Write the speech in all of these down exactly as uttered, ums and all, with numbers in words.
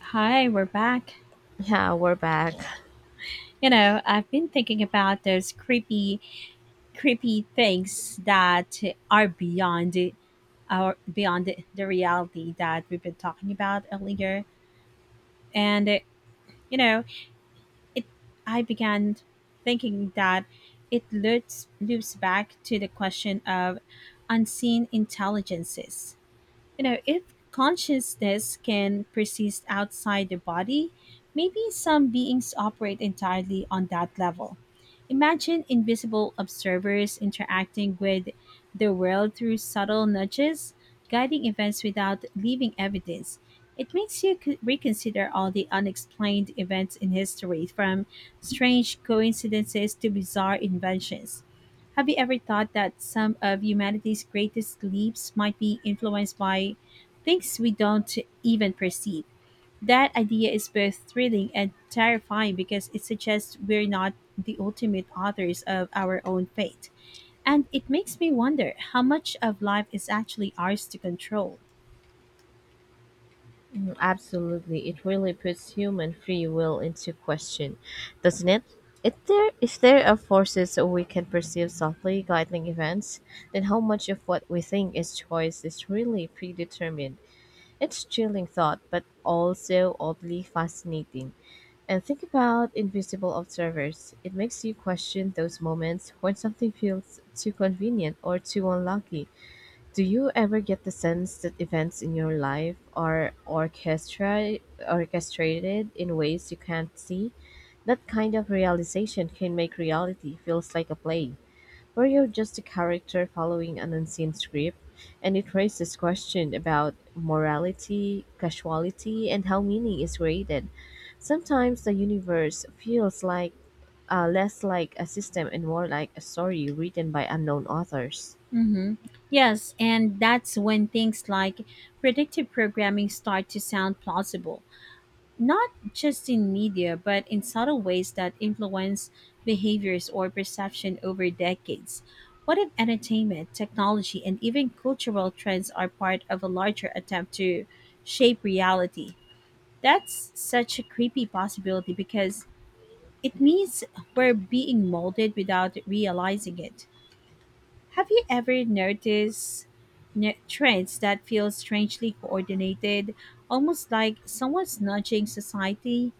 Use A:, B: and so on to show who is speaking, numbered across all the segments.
A: Hi, we're back.
B: Yeah, we're back.
A: You know, I've been thinking about those creepy, creepy things that are beyond our beyond the reality that we've been talking about earlier. And uh, you know, it I began thinking that it loops loops back to the question of unseen intelligences. You know, if consciousness can persist outside the body, maybe some beings operate entirely on that level. Imagine invisible observers interacting with the world through subtle nudges, guiding events without leaving evidence. It makes you c- reconsider all the unexplained events in history, from strange coincidences to bizarre inventions. Have you ever thought that some of humanity's greatest leaps might be influenced by things we don't even perceive? That idea is both thrilling and terrifying because it suggests we're not the ultimate authors of our own fate. And it makes me wonder how much of life is actually ours to control.
B: Mm, absolutely. It really puts human free will into question, doesn't it? If there, if there are forces we can perceive softly guiding events, then how much of what we think is choice is really predetermined? It's chilling thought, but also oddly fascinating. And think about invisible observers. It makes you question those moments when something feels too convenient or too unlucky. Do you ever get the sense that events in your life are orchestra- orchestrated in ways you can't see? That kind of realization can make reality feels like a play, where you're just a character following an unseen script, and it raises questions about morality, casuality, and how meaning is created. Sometimes the universe feels like uh, less like a system and more like a story written by unknown authors.
A: Mm-hmm. Yes, and that's when things like predictive programming start to sound plausible. Not just in media, but in subtle ways that influence behaviors or perception over decades. What if entertainment, technology, and even cultural trends are part of a larger attempt to shape reality? That's such a creepy possibility because it means we're being molded without realizing it. Have you ever noticed ne- trends that feel strangely coordinated, almost like someone's nudging society?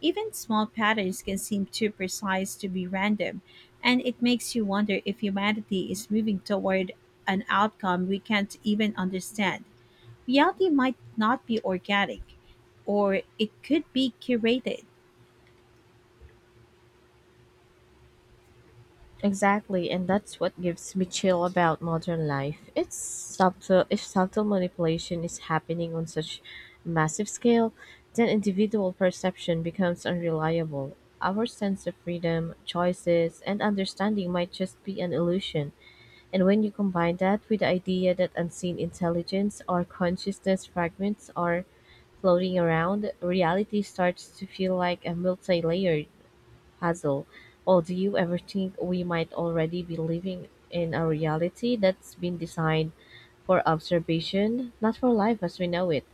A: Even small patterns can seem too precise to be random, and it makes you wonder if humanity is moving toward an outcome we can't even understand. Reality might not be organic, or it could be curated.
B: Exactly, and that's what gives me chill about modern life. It's subtle if subtle manipulation is happening on such massive scale, then individual perception becomes unreliable. Our sense of freedom, choices, and understanding might just be an illusion. And when you combine that with the idea that unseen intelligence or consciousness fragments are floating around, reality starts to feel like a multi-layered Hazel, "Oh, do you ever think we might already be living in a reality that's been designed for observation, not for life as we know it?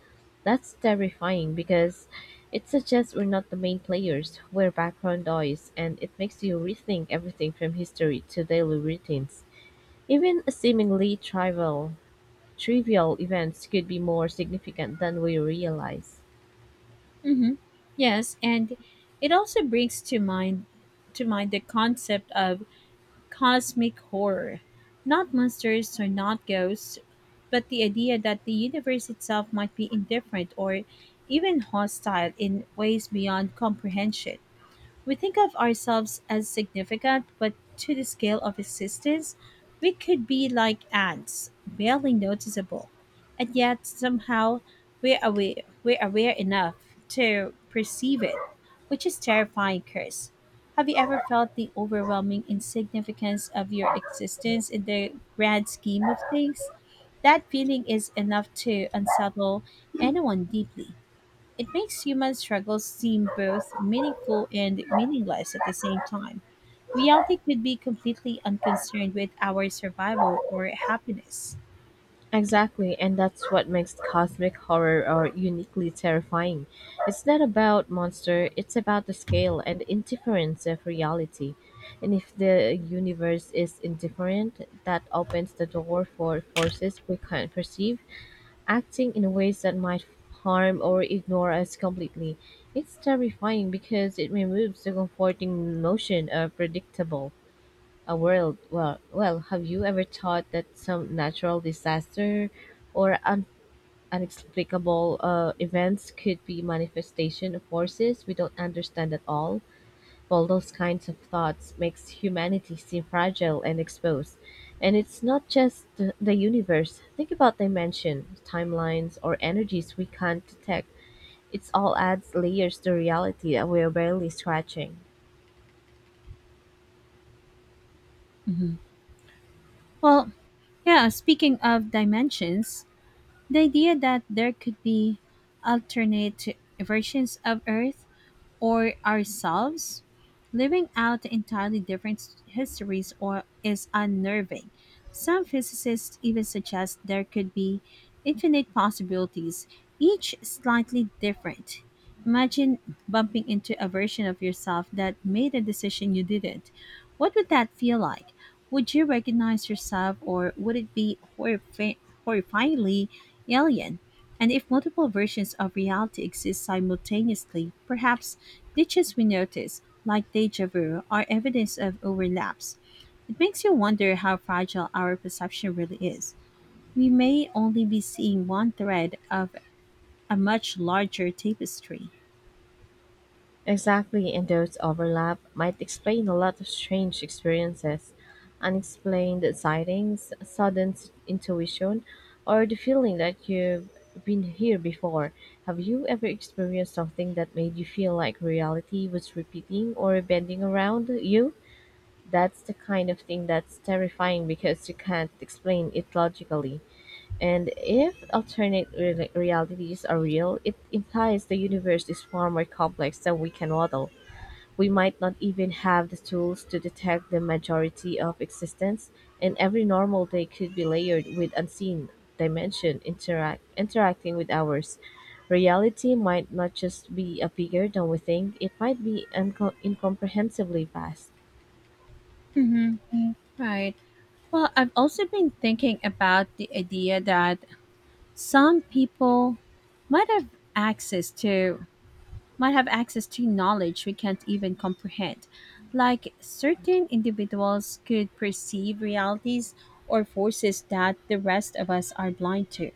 B: That's terrifying because it suggests we're not the main players, we're background noise, and it makes you rethink everything from history to daily routines. Even seemingly trivial, trivial events could be more significant than we realize.
A: Hmm. Yes, and it also brings to mind to mind the concept of cosmic horror. Not monsters or not ghosts, but the idea that the universe itself might be indifferent or even hostile in ways beyond comprehension. We think of ourselves as significant, but to the scale of existence, we could be like ants, barely noticeable. And yet, somehow, we're aware, we're aware enough to perceive it, which is terrifying curse. Have you ever felt the overwhelming insignificance of your existence in the grand scheme of things? That feeling is enough to unsettle anyone deeply. It makes human struggles seem both meaningful and meaningless at the same time. Reality could be completely unconcerned with our survival or happiness.
B: Exactly, and that's what makes cosmic horror or uniquely terrifying. It's not about monster, it's about the scale and indifference of reality. And if the universe is indifferent, that opens the door for forces we can't perceive, acting in ways that might harm or ignore us completely. It's terrifying because it removes the comforting notion of predictable a world. Well, well, have you ever thought that some natural disaster or un- unexplicable uh, events could be manifestation of forces we don't understand at all? Well, those kinds of thoughts makes humanity seem fragile and exposed. And it's not just the, the universe. Think about dimension, timelines, or energies we can't detect. It's all adds layers to reality that we're barely scratching.
A: Hmm. Well, yeah, speaking of dimensions, the idea that there could be alternate versions of Earth or ourselves, living out entirely different s- histories or is unnerving. Some physicists even suggest there could be infinite possibilities, each slightly different. Imagine bumping into a version of yourself that made a decision you didn't. What would that feel like? Would you recognize yourself or would it be horrifi- horrifyingly alien? And if multiple versions of reality exist simultaneously, perhaps glitches we notice, like deja vu, are evidence of overlaps. It makes you wonder how fragile our perception really is. We may only be seeing one thread of a much larger tapestry.
B: Exactly, and those overlap might explain a lot of strange experiences, unexplained sightings, sudden s- intuition, or the feeling that you've been here before. Have you ever experienced something that made you feel like reality was repeating or bending around you? That's the kind of thing that's terrifying because you can't explain it logically. And if alternate re- realities are real, it implies the universe is far more complex than we can model. We might not even have the tools to detect the majority of existence, and every normal day could be layered with unseen dimension interact interacting with ours. Reality might not just be a bigger than we think, it might be uncom incomprehensibly vast.
A: Mm-hmm. Right. Well, I've also been thinking about the idea that some people might have access to might have access to knowledge we can't even comprehend. Like certain individuals could perceive realities or forces that the rest of us are blind to.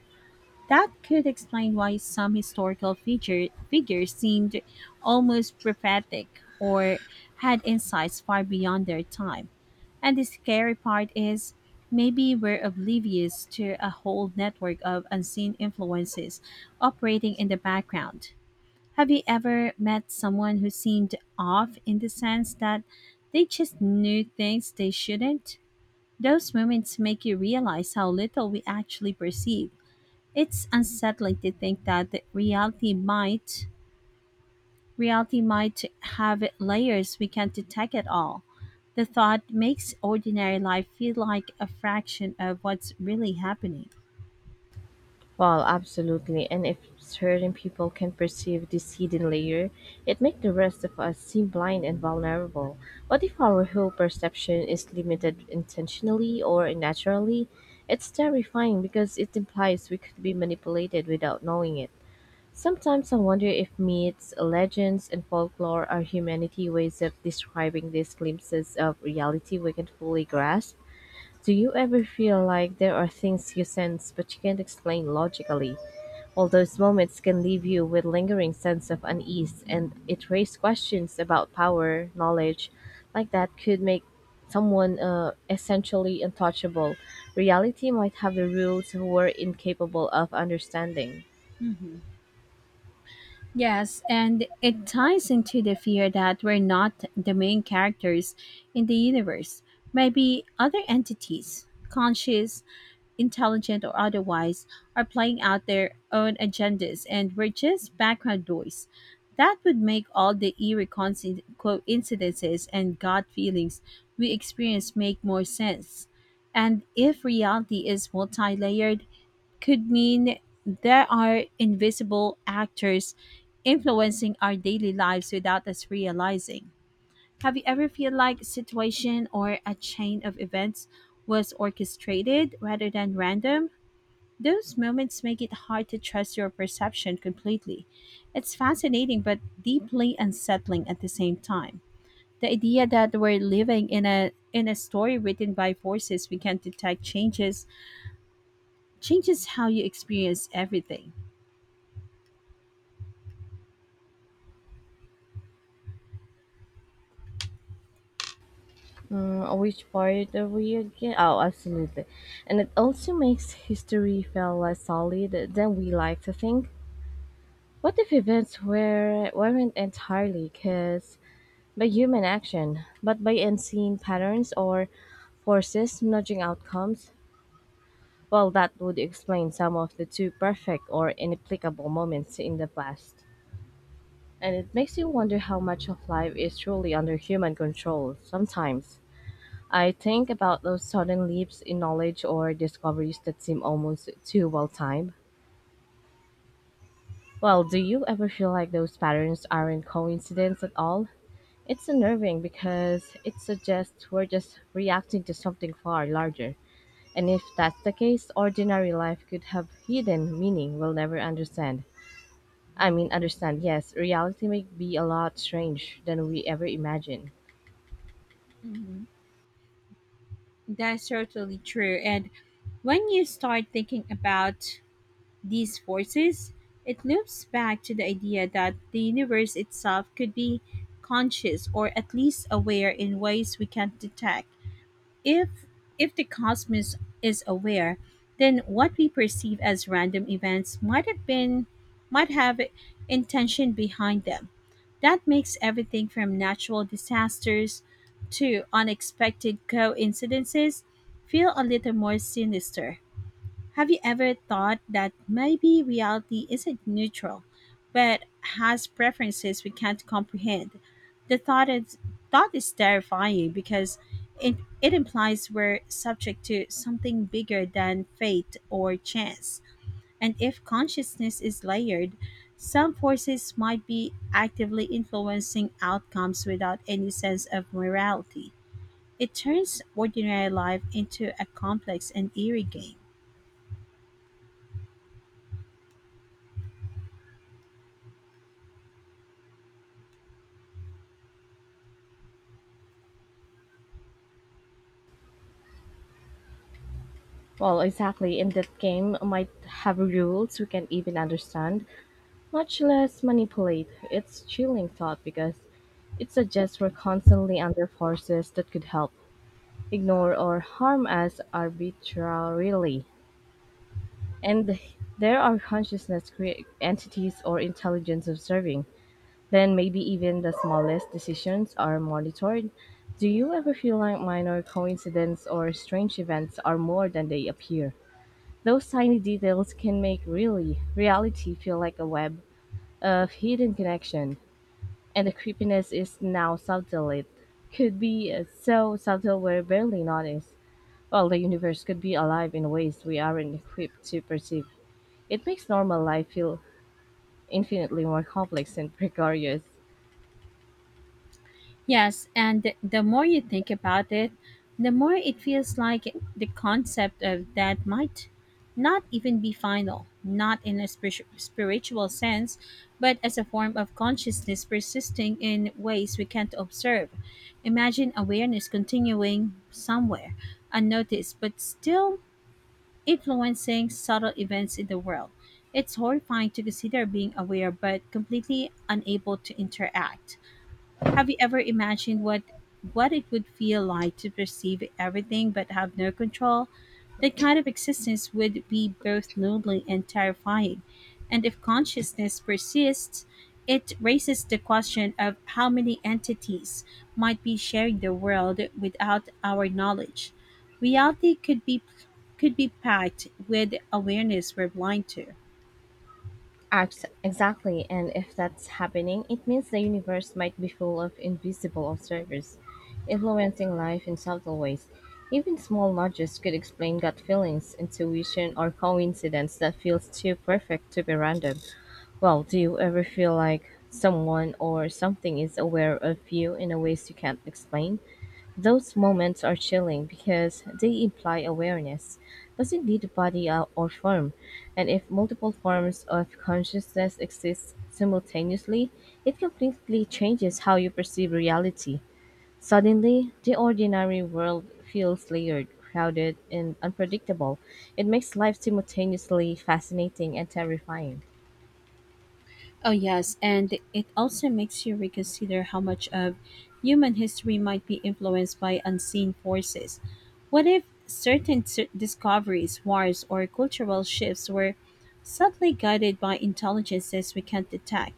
A: That could explain why some historical figure, figures seemed almost prophetic or had insights far beyond their time. And the scary part is maybe we're oblivious to a whole network of unseen influences operating in the background. Have you ever met someone who seemed off in the sense that they just knew things they shouldn't? Those moments make you realize how little we actually perceive. It's unsettling to think that the reality might reality might have layers we can't detect at all. The thought makes ordinary life feel like a fraction of what's really happening.
B: Well, absolutely. And if certain people can perceive this hidden layer, it makes the rest of us seem blind and vulnerable. But if our whole perception is limited intentionally or naturally, it's terrifying because it implies we could be manipulated without knowing it. Sometimes I wonder if myths, legends, and folklore are humanity ways of describing these glimpses of reality we can fully grasp. Do you ever feel like there are things you sense but you can't explain logically? All those moments can leave you with lingering sense of unease, and it raises questions about power, knowledge, like that could make someone uh, essentially untouchable. Reality might have the rules we're incapable of understanding.
A: Mhm. Yes, and it ties into the fear that we're not the main characters in the universe. Maybe other entities, conscious, intelligent, or otherwise, are playing out their own agendas and we're just background noise. That would make all the eerie coinci- coincidences and gut feelings we experience make more sense. And if reality is multi layered, could mean there are invisible actors influencing our daily lives without us realizing. Have you ever feel like a situation or a chain of events was orchestrated rather than random? Those moments make it hard to trust your perception completely. It's fascinating but deeply unsettling at the same time. The idea that we're living in a in a story written by forces we can't detect changes changes how you experience everything.
B: Mm, which part are we again? Oh, absolutely. And it also makes history feel less solid than we like to think. What if events were, weren't entirely because by human action, but by unseen patterns or forces nudging outcomes, well, that would explain some of the too perfect or inapplicable moments in the past. And it makes you wonder how much of life is truly under human control sometimes. I think about those sudden leaps in knowledge or discoveries that seem almost too well timed. Well, do you ever feel like those patterns aren't coincidence at all? It's unnerving because it suggests we're just reacting to something far larger. And if that's the case, ordinary life could have hidden meaning we'll never understand. I mean, understand, yes, reality may be a lot strange than we ever imagined.
A: Mhm. That's totally true. And when you start thinking about these forces, it loops back to the idea that the universe itself could be conscious or at least aware in ways we can't detect. If if the cosmos is aware, then what we perceive as random events might have been might have intention behind them. That makes everything from natural disasters to unexpected coincidences feel a little more sinister. Have you ever thought that maybe reality isn't neutral, but has preferences we can't comprehend? The thought is, thought is terrifying because it, it implies we're subject to something bigger than fate or chance. And if consciousness is layered, some forces might be actively influencing outcomes without any sense of morality. It turns ordinary life into a complex and eerie game.
B: Well, exactly, and that game might have rules we can't even understand, much less manipulate. It's chilling thought because it suggests we're constantly under forces that could help ignore, or harm us arbitrarily, and there are consciousness crea- entities or intelligence observing, then maybe even the smallest decisions are monitored. Do you ever feel like minor coincidences or strange events are more than they appear? Those tiny details can make really reality feel like a web of hidden connection, and the creepiness is now subtle. It could be uh, so subtle we're barely noticed. Well, the universe could be alive in ways we aren't equipped to perceive. It makes normal life feel infinitely more complex and precarious.
A: Yes, and the more you think about it, the more it feels like the concept of that might not even be final, not in a spiritu- spiritual sense, but as a form of consciousness persisting in ways we can't observe. Imagine awareness continuing somewhere, unnoticed, but still influencing subtle events in the world. It's horrifying to consider being aware but completely unable to interact. Have you ever imagined what what it would feel like to perceive everything but have no control? That kind of existence would be both lonely and terrifying. And if consciousness persists, it raises the question of how many entities might be sharing the world without our knowledge. Reality could be could be packed with awareness we're blind to.
B: Act- Exactly, and if that's happening, it means the universe might be full of invisible observers, influencing life in subtle ways. Even small nudges could explain gut feelings, intuition, or coincidence that feels too perfect to be random. Well, do you ever feel like someone or something is aware of you in a ways you can't explain? Those moments are chilling because they imply awareness doesn't need a body or or form, and if multiple forms of consciousness exist simultaneously, it completely changes how you perceive reality. Suddenly, the ordinary world feels layered, crowded, and unpredictable. It makes life simultaneously fascinating and terrifying.
A: Oh, yes, and it also makes you reconsider how much of human history might be influenced by unseen forces. What if certain s- discoveries, wars, or cultural shifts were subtly guided by intelligences we can't detect?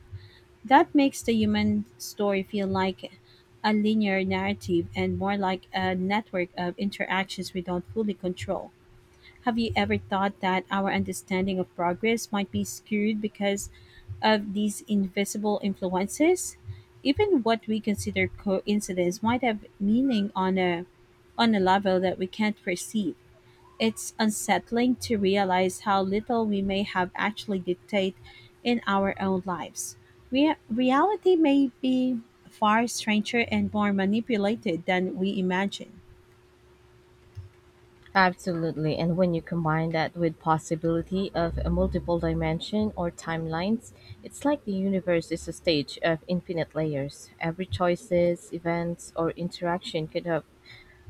A: That makes the human story feel like a linear narrative and more like a network of interactions we don't fully control. Have you ever thought that our understanding of progress might be skewed because of these invisible influences? Even what we consider coincidence might have meaning on a on a level that we can't perceive. It's unsettling to realize how little we may have actually dictate in our own lives. Re- reality may be far stranger and more manipulated than we imagine.
B: Absolutely. And when you combine that with possibility of a multiple dimension or timelines, it's like the universe is a stage of infinite layers. Every choices, events, or interaction could have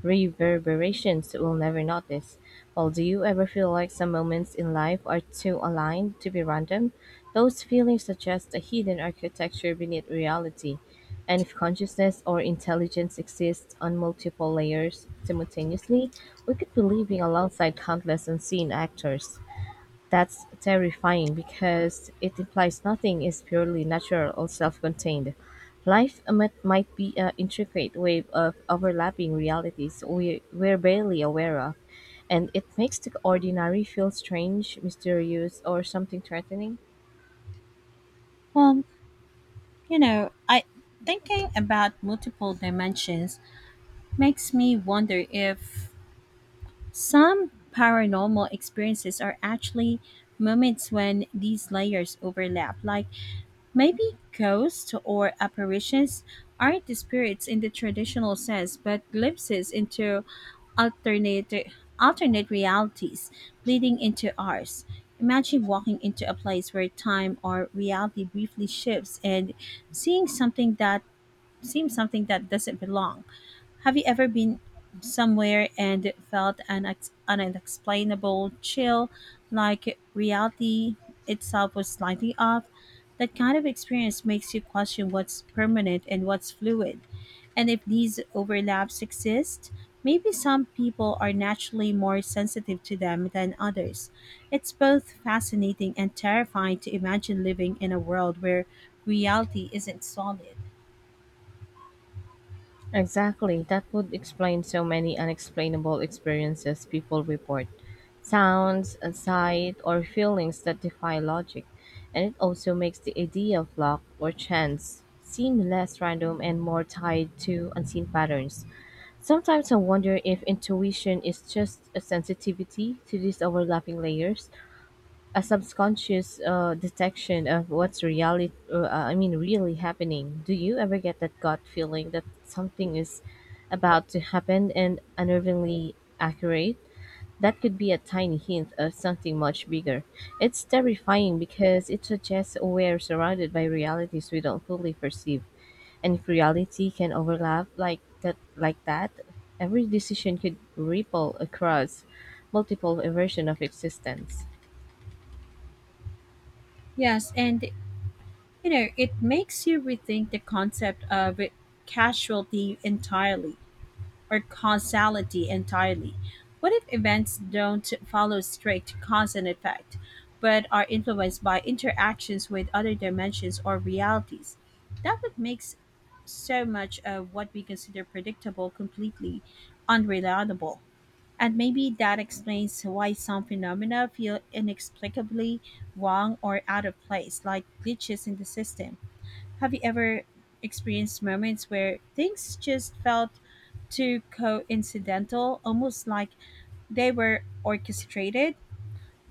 B: reverberations we'll never notice. Well, do you ever feel like some moments in life are too aligned to be random? Those feelings suggest a hidden architecture beneath reality. And if consciousness or intelligence exists on multiple layers simultaneously, we could be living alongside countless unseen actors. That's terrifying because it implies nothing is purely natural or self-contained. Life might, might be an intricate web of overlapping realities we, we're barely aware of, and it makes the ordinary feel strange, mysterious, or something threatening.
A: Well, you know, I thinking about multiple dimensions makes me wonder if some paranormal experiences are actually moments when these layers overlap. Like maybe ghosts or apparitions aren't the spirits in the traditional sense, but glimpses into alternate alternate realities bleeding into ours. Imagine walking into a place where time or reality briefly shifts and seeing something that seems something that doesn't belong. Have you ever been somewhere and felt an, ex- an unexplainable chill, like reality itself was slightly off? That kind of experience makes you question what's permanent and what's fluid. And if these overlaps exist, maybe some people are naturally more sensitive to them than others. It's both fascinating and terrifying to imagine living in a world where reality isn't solid.
B: Exactly. That would explain so many unexplainable experiences people report. Sounds, a sight, or feelings that defy logic. And it also makes the idea of luck or chance seem less random and more tied to unseen patterns. Sometimes I wonder if intuition is just a sensitivity to these overlapping layers, a subconscious uh, detection of what's reality uh, uh, i mean really happening. Do you ever get that gut feeling that something is about to happen and unnervingly accurate? That could be a tiny hint of something much bigger. It's terrifying because it suggests we're surrounded by realities we don't fully perceive, and if reality can overlap like that like that, every decision could ripple across multiple versions of existence.
A: Yes, and you know, it makes you rethink the concept of casualty entirely or causality entirely. What if events don't follow strict cause and effect, but are influenced by interactions with other dimensions or realities? That would make so much of what we consider predictable completely unreliable. And maybe that explains why some phenomena feel inexplicably wrong or out of place, like glitches in the system. Have you ever experienced moments where things just felt too coincidental, almost like they were orchestrated?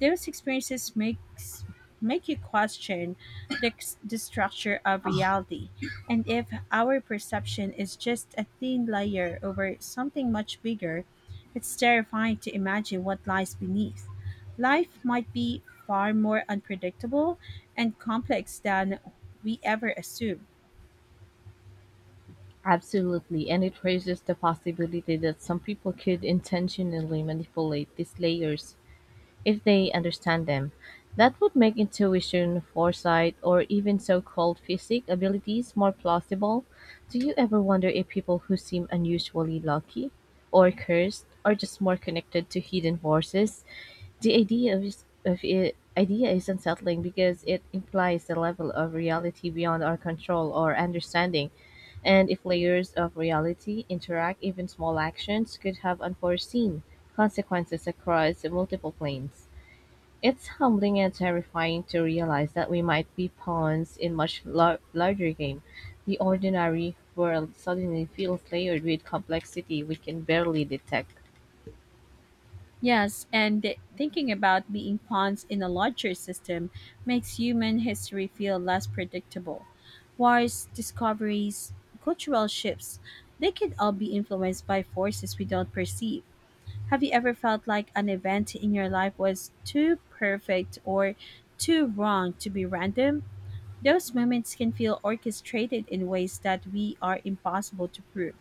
A: Those experiences makes Make you question the, the structure of reality, and if our perception is just a thin layer over something much bigger, it's terrifying to imagine what lies beneath. Life might be far more unpredictable and complex than we ever assume.
B: Absolutely, and it raises the possibility that some people could intentionally manipulate these layers if they understand them. That would make intuition, foresight, or even so called physic abilities more plausible. Do you ever wonder if people who seem unusually lucky or cursed are just more connected to hidden forces? The idea is, of it, idea is unsettling because it implies a level of reality beyond our control or understanding, and if layers of reality interact, even small actions could have unforeseen consequences across multiple planes. It's humbling and terrifying to realize that we might be pawns in much lar- larger game. The ordinary world suddenly feels layered with complexity we can barely detect.
A: Yes, and th- thinking about being pawns in a larger system makes human history feel less predictable. Wars, discoveries, cultural shifts, they could all be influenced by forces we don't perceive. Have you ever felt like an event in your life was too perfect or too wrong to be random? Those moments can feel orchestrated in ways that we are impossible to prove.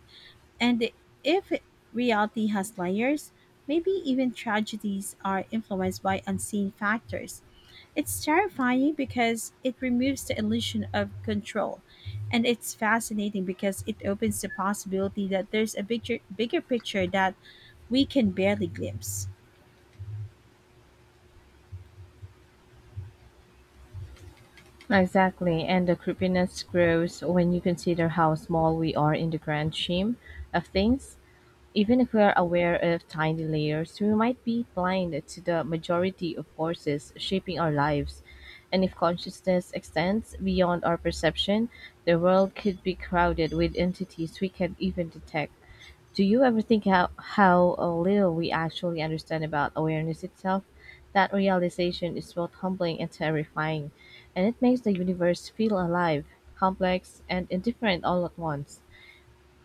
A: And if reality has layers, maybe even tragedies are influenced by unseen factors. It's terrifying because it removes the illusion of control, and it's fascinating because it opens the possibility that there's a bigger, bigger picture that we can barely glimpse.
B: Exactly, and the creepiness grows when you consider how small we are in the grand scheme of things. Even if we are aware of tiny layers, we might be blind to the majority of forces shaping our lives. And if consciousness extends beyond our perception, the world could be crowded with entities we can't even detect. Do you ever think how, how uh, little we actually understand about awareness itself? That realization is both humbling and terrifying, and it makes the universe feel alive, complex, and indifferent all at once.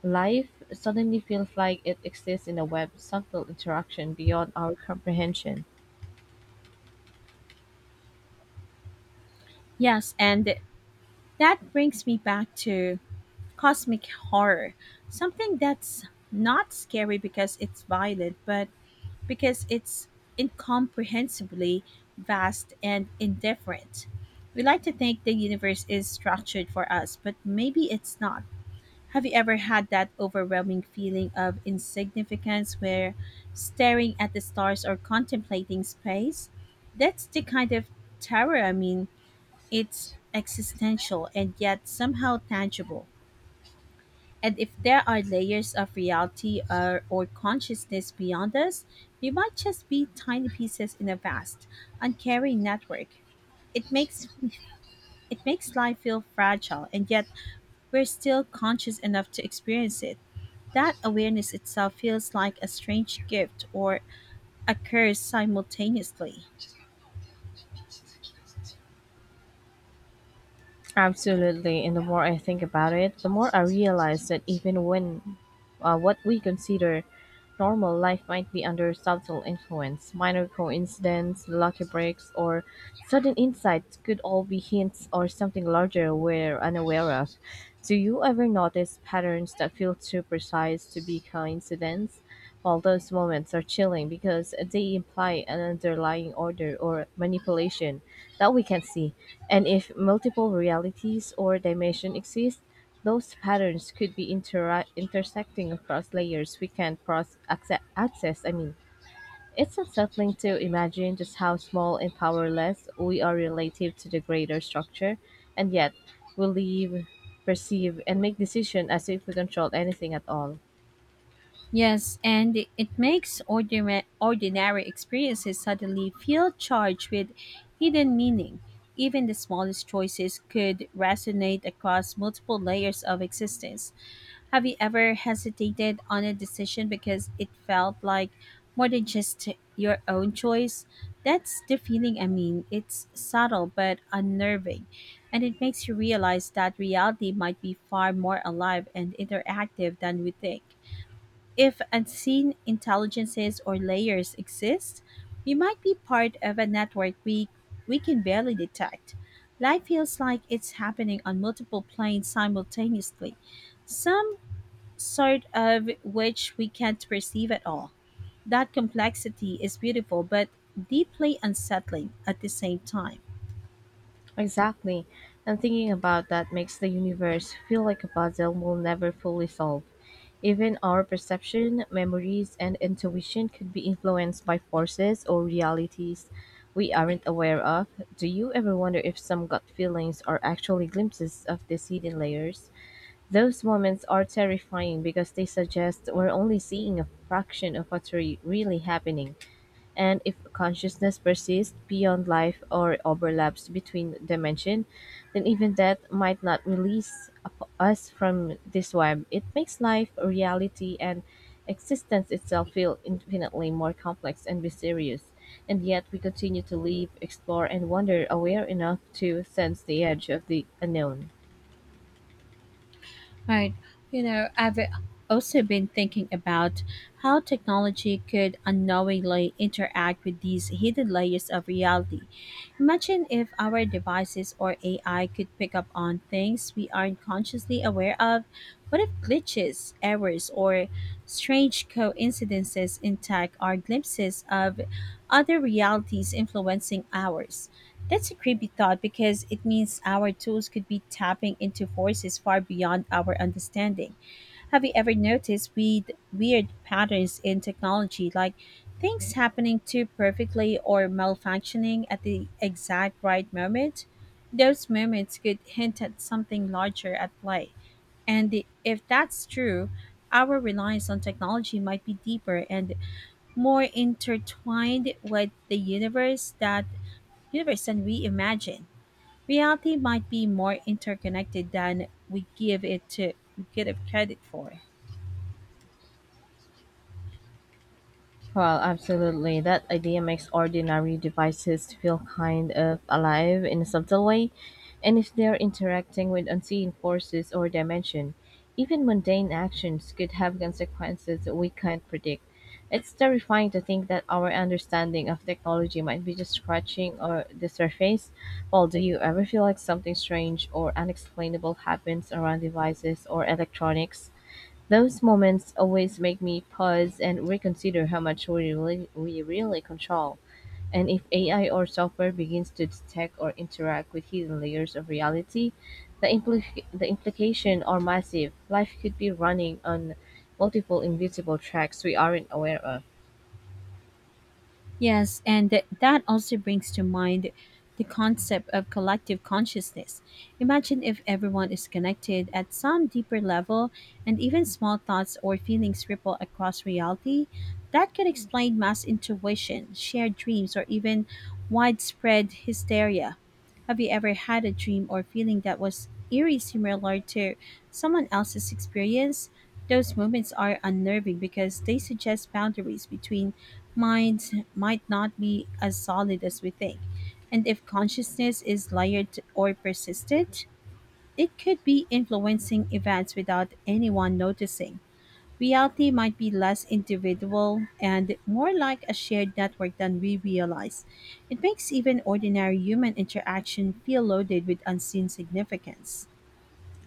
B: Life suddenly feels like it exists in a web of subtle interaction beyond our comprehension.
A: Yes, and that brings me back to cosmic horror, something that's not scary because it's violent, but because it's incomprehensibly vast and indifferent. We like to think the universe is structured for us, but maybe it's not. Have you ever had that overwhelming feeling of insignificance where staring at the stars or contemplating space? That's the kind of terror, I mean, it's existential and yet somehow tangible. And if there are layers of reality or, or consciousness beyond us, we might just be tiny pieces in a vast, uncaring network. It makes it makes life feel fragile, and yet we're still conscious enough to experience it. That awareness itself feels like a strange gift or a curse simultaneously.
B: Absolutely, and the more I think about it, the more I realize that even when uh, what we consider normal life might be under subtle influence. Minor coincidence, lucky breaks, or sudden insights could all be hints or something larger we're unaware of. Do you ever notice patterns that feel too precise to be coincidence? While those moments are chilling because they imply an underlying order or manipulation that we can see. And if multiple realities or dimensions exist, those patterns could be intera- intersecting across layers we can't cross acce- access. I mean, it's unsettling to imagine just how small and powerless we are relative to the greater structure, and yet we live, perceive, and make decisions as if we control anything at all.
A: Yes, and it it makes ordinary, ordinary experiences suddenly feel charged with hidden meaning. Even the smallest choices could resonate across multiple layers of existence. Have you ever hesitated on a decision because it felt like more than just your own choice? That's the feeling I mean. It's subtle but unnerving, and it makes you realize that reality might be far more alive and interactive than we think. If unseen intelligences or layers exist, we might be part of a network we, we can barely detect. Life feels like it's happening on multiple planes simultaneously, some sort of which we can't perceive at all. That complexity is beautiful but deeply unsettling at the same time.
B: Exactly, and thinking about that makes the universe feel like a puzzle we'll never fully solve. Even our perception, memories, and intuition could be influenced by forces or realities we aren't aware of. Do you ever wonder if some gut feelings are actually glimpses of these hidden layers? Those moments are terrifying because they suggest we're only seeing a fraction of what's re- really happening, and if consciousness persists beyond life or overlaps between dimension, then even death might not release up- us from this web. It makes life, reality, and existence itself feel infinitely more complex and mysterious. And yet we continue to live, explore, and wonder, aware enough to sense the edge of the unknown.
A: Right. You know, I've also been thinking about how technology could unknowingly interact with these hidden layers of reality. Imagine if our devices or A I could pick up on things we aren't consciously aware of. What if glitches, errors, or strange coincidences in tech are glimpses of other realities influencing ours? That's a creepy thought because it means our tools could be tapping into forces far beyond our understanding. Have you ever noticed weird, weird patterns in technology, like things happening too perfectly or malfunctioning at the exact right moment? Those moments could hint at something larger at play. And i- if that's true, our reliance on technology might be deeper and more intertwined with the universe that universe than we imagine. Reality might be more interconnected than we give it to we give it credit for.
B: Well, absolutely. That idea makes ordinary devices feel kind of alive in a subtle way, and if they're interacting with unseen forces or dimension, even mundane actions could have consequences that we can't predict. It's terrifying to think that our understanding of technology might be just scratching or the surface. Well, do you ever feel like something strange or unexplainable happens around devices or electronics? Those moments always make me pause and reconsider how much we really, we really control. And if A I or software begins to detect or interact with hidden layers of reality, the, impli- the implications are massive. Life could be running on multiple invisible tracks we aren't aware of.
A: Yes, and th- that also brings to mind the concept of collective consciousness. Imagine if everyone is connected at some deeper level and even small thoughts or feelings ripple across reality. That could explain mass intuition, shared dreams, or even widespread hysteria. Have you ever had a dream or feeling that was eerie similar to someone else's experience? Those moments are unnerving because they suggest boundaries between minds might not be as solid as we think. And if consciousness is layered or persistent, it could be influencing events without anyone noticing. Reality might be less individual and more like a shared network than we realize. It makes even ordinary human interaction feel loaded with unseen significance.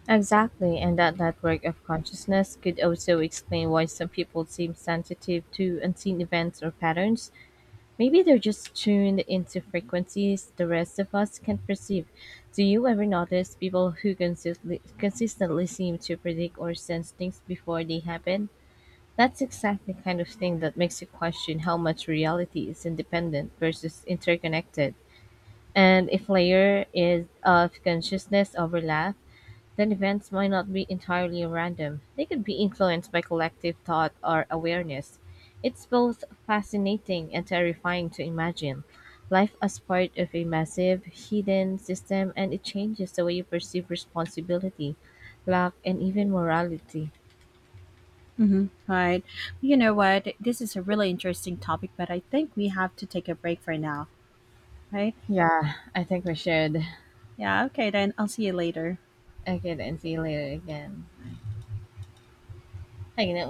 B: Exactly, and that network of consciousness could also explain why some people seem sensitive to unseen events or patterns. Maybe they're just tuned into frequencies the rest of us can't perceive. Do you ever notice people who consistently, consistently seem to predict or sense things before they happen? That's exactly the kind of thing that makes you question how much reality is independent versus interconnected. And if layer is of consciousness overlap, then events might not be entirely random; they could be influenced by collective thought or awareness. It's both fascinating and terrifying to imagine life as part of a massive, hidden system, and it changes the way you perceive responsibility, luck, and even morality.
A: Hmm. Right. You know what? This is a really interesting topic, but I think we have to take a break for now, right?
B: Yeah, I think we should.
A: Yeah, okay, then I'll see you later.
B: Okay, then see you later again. Hanging out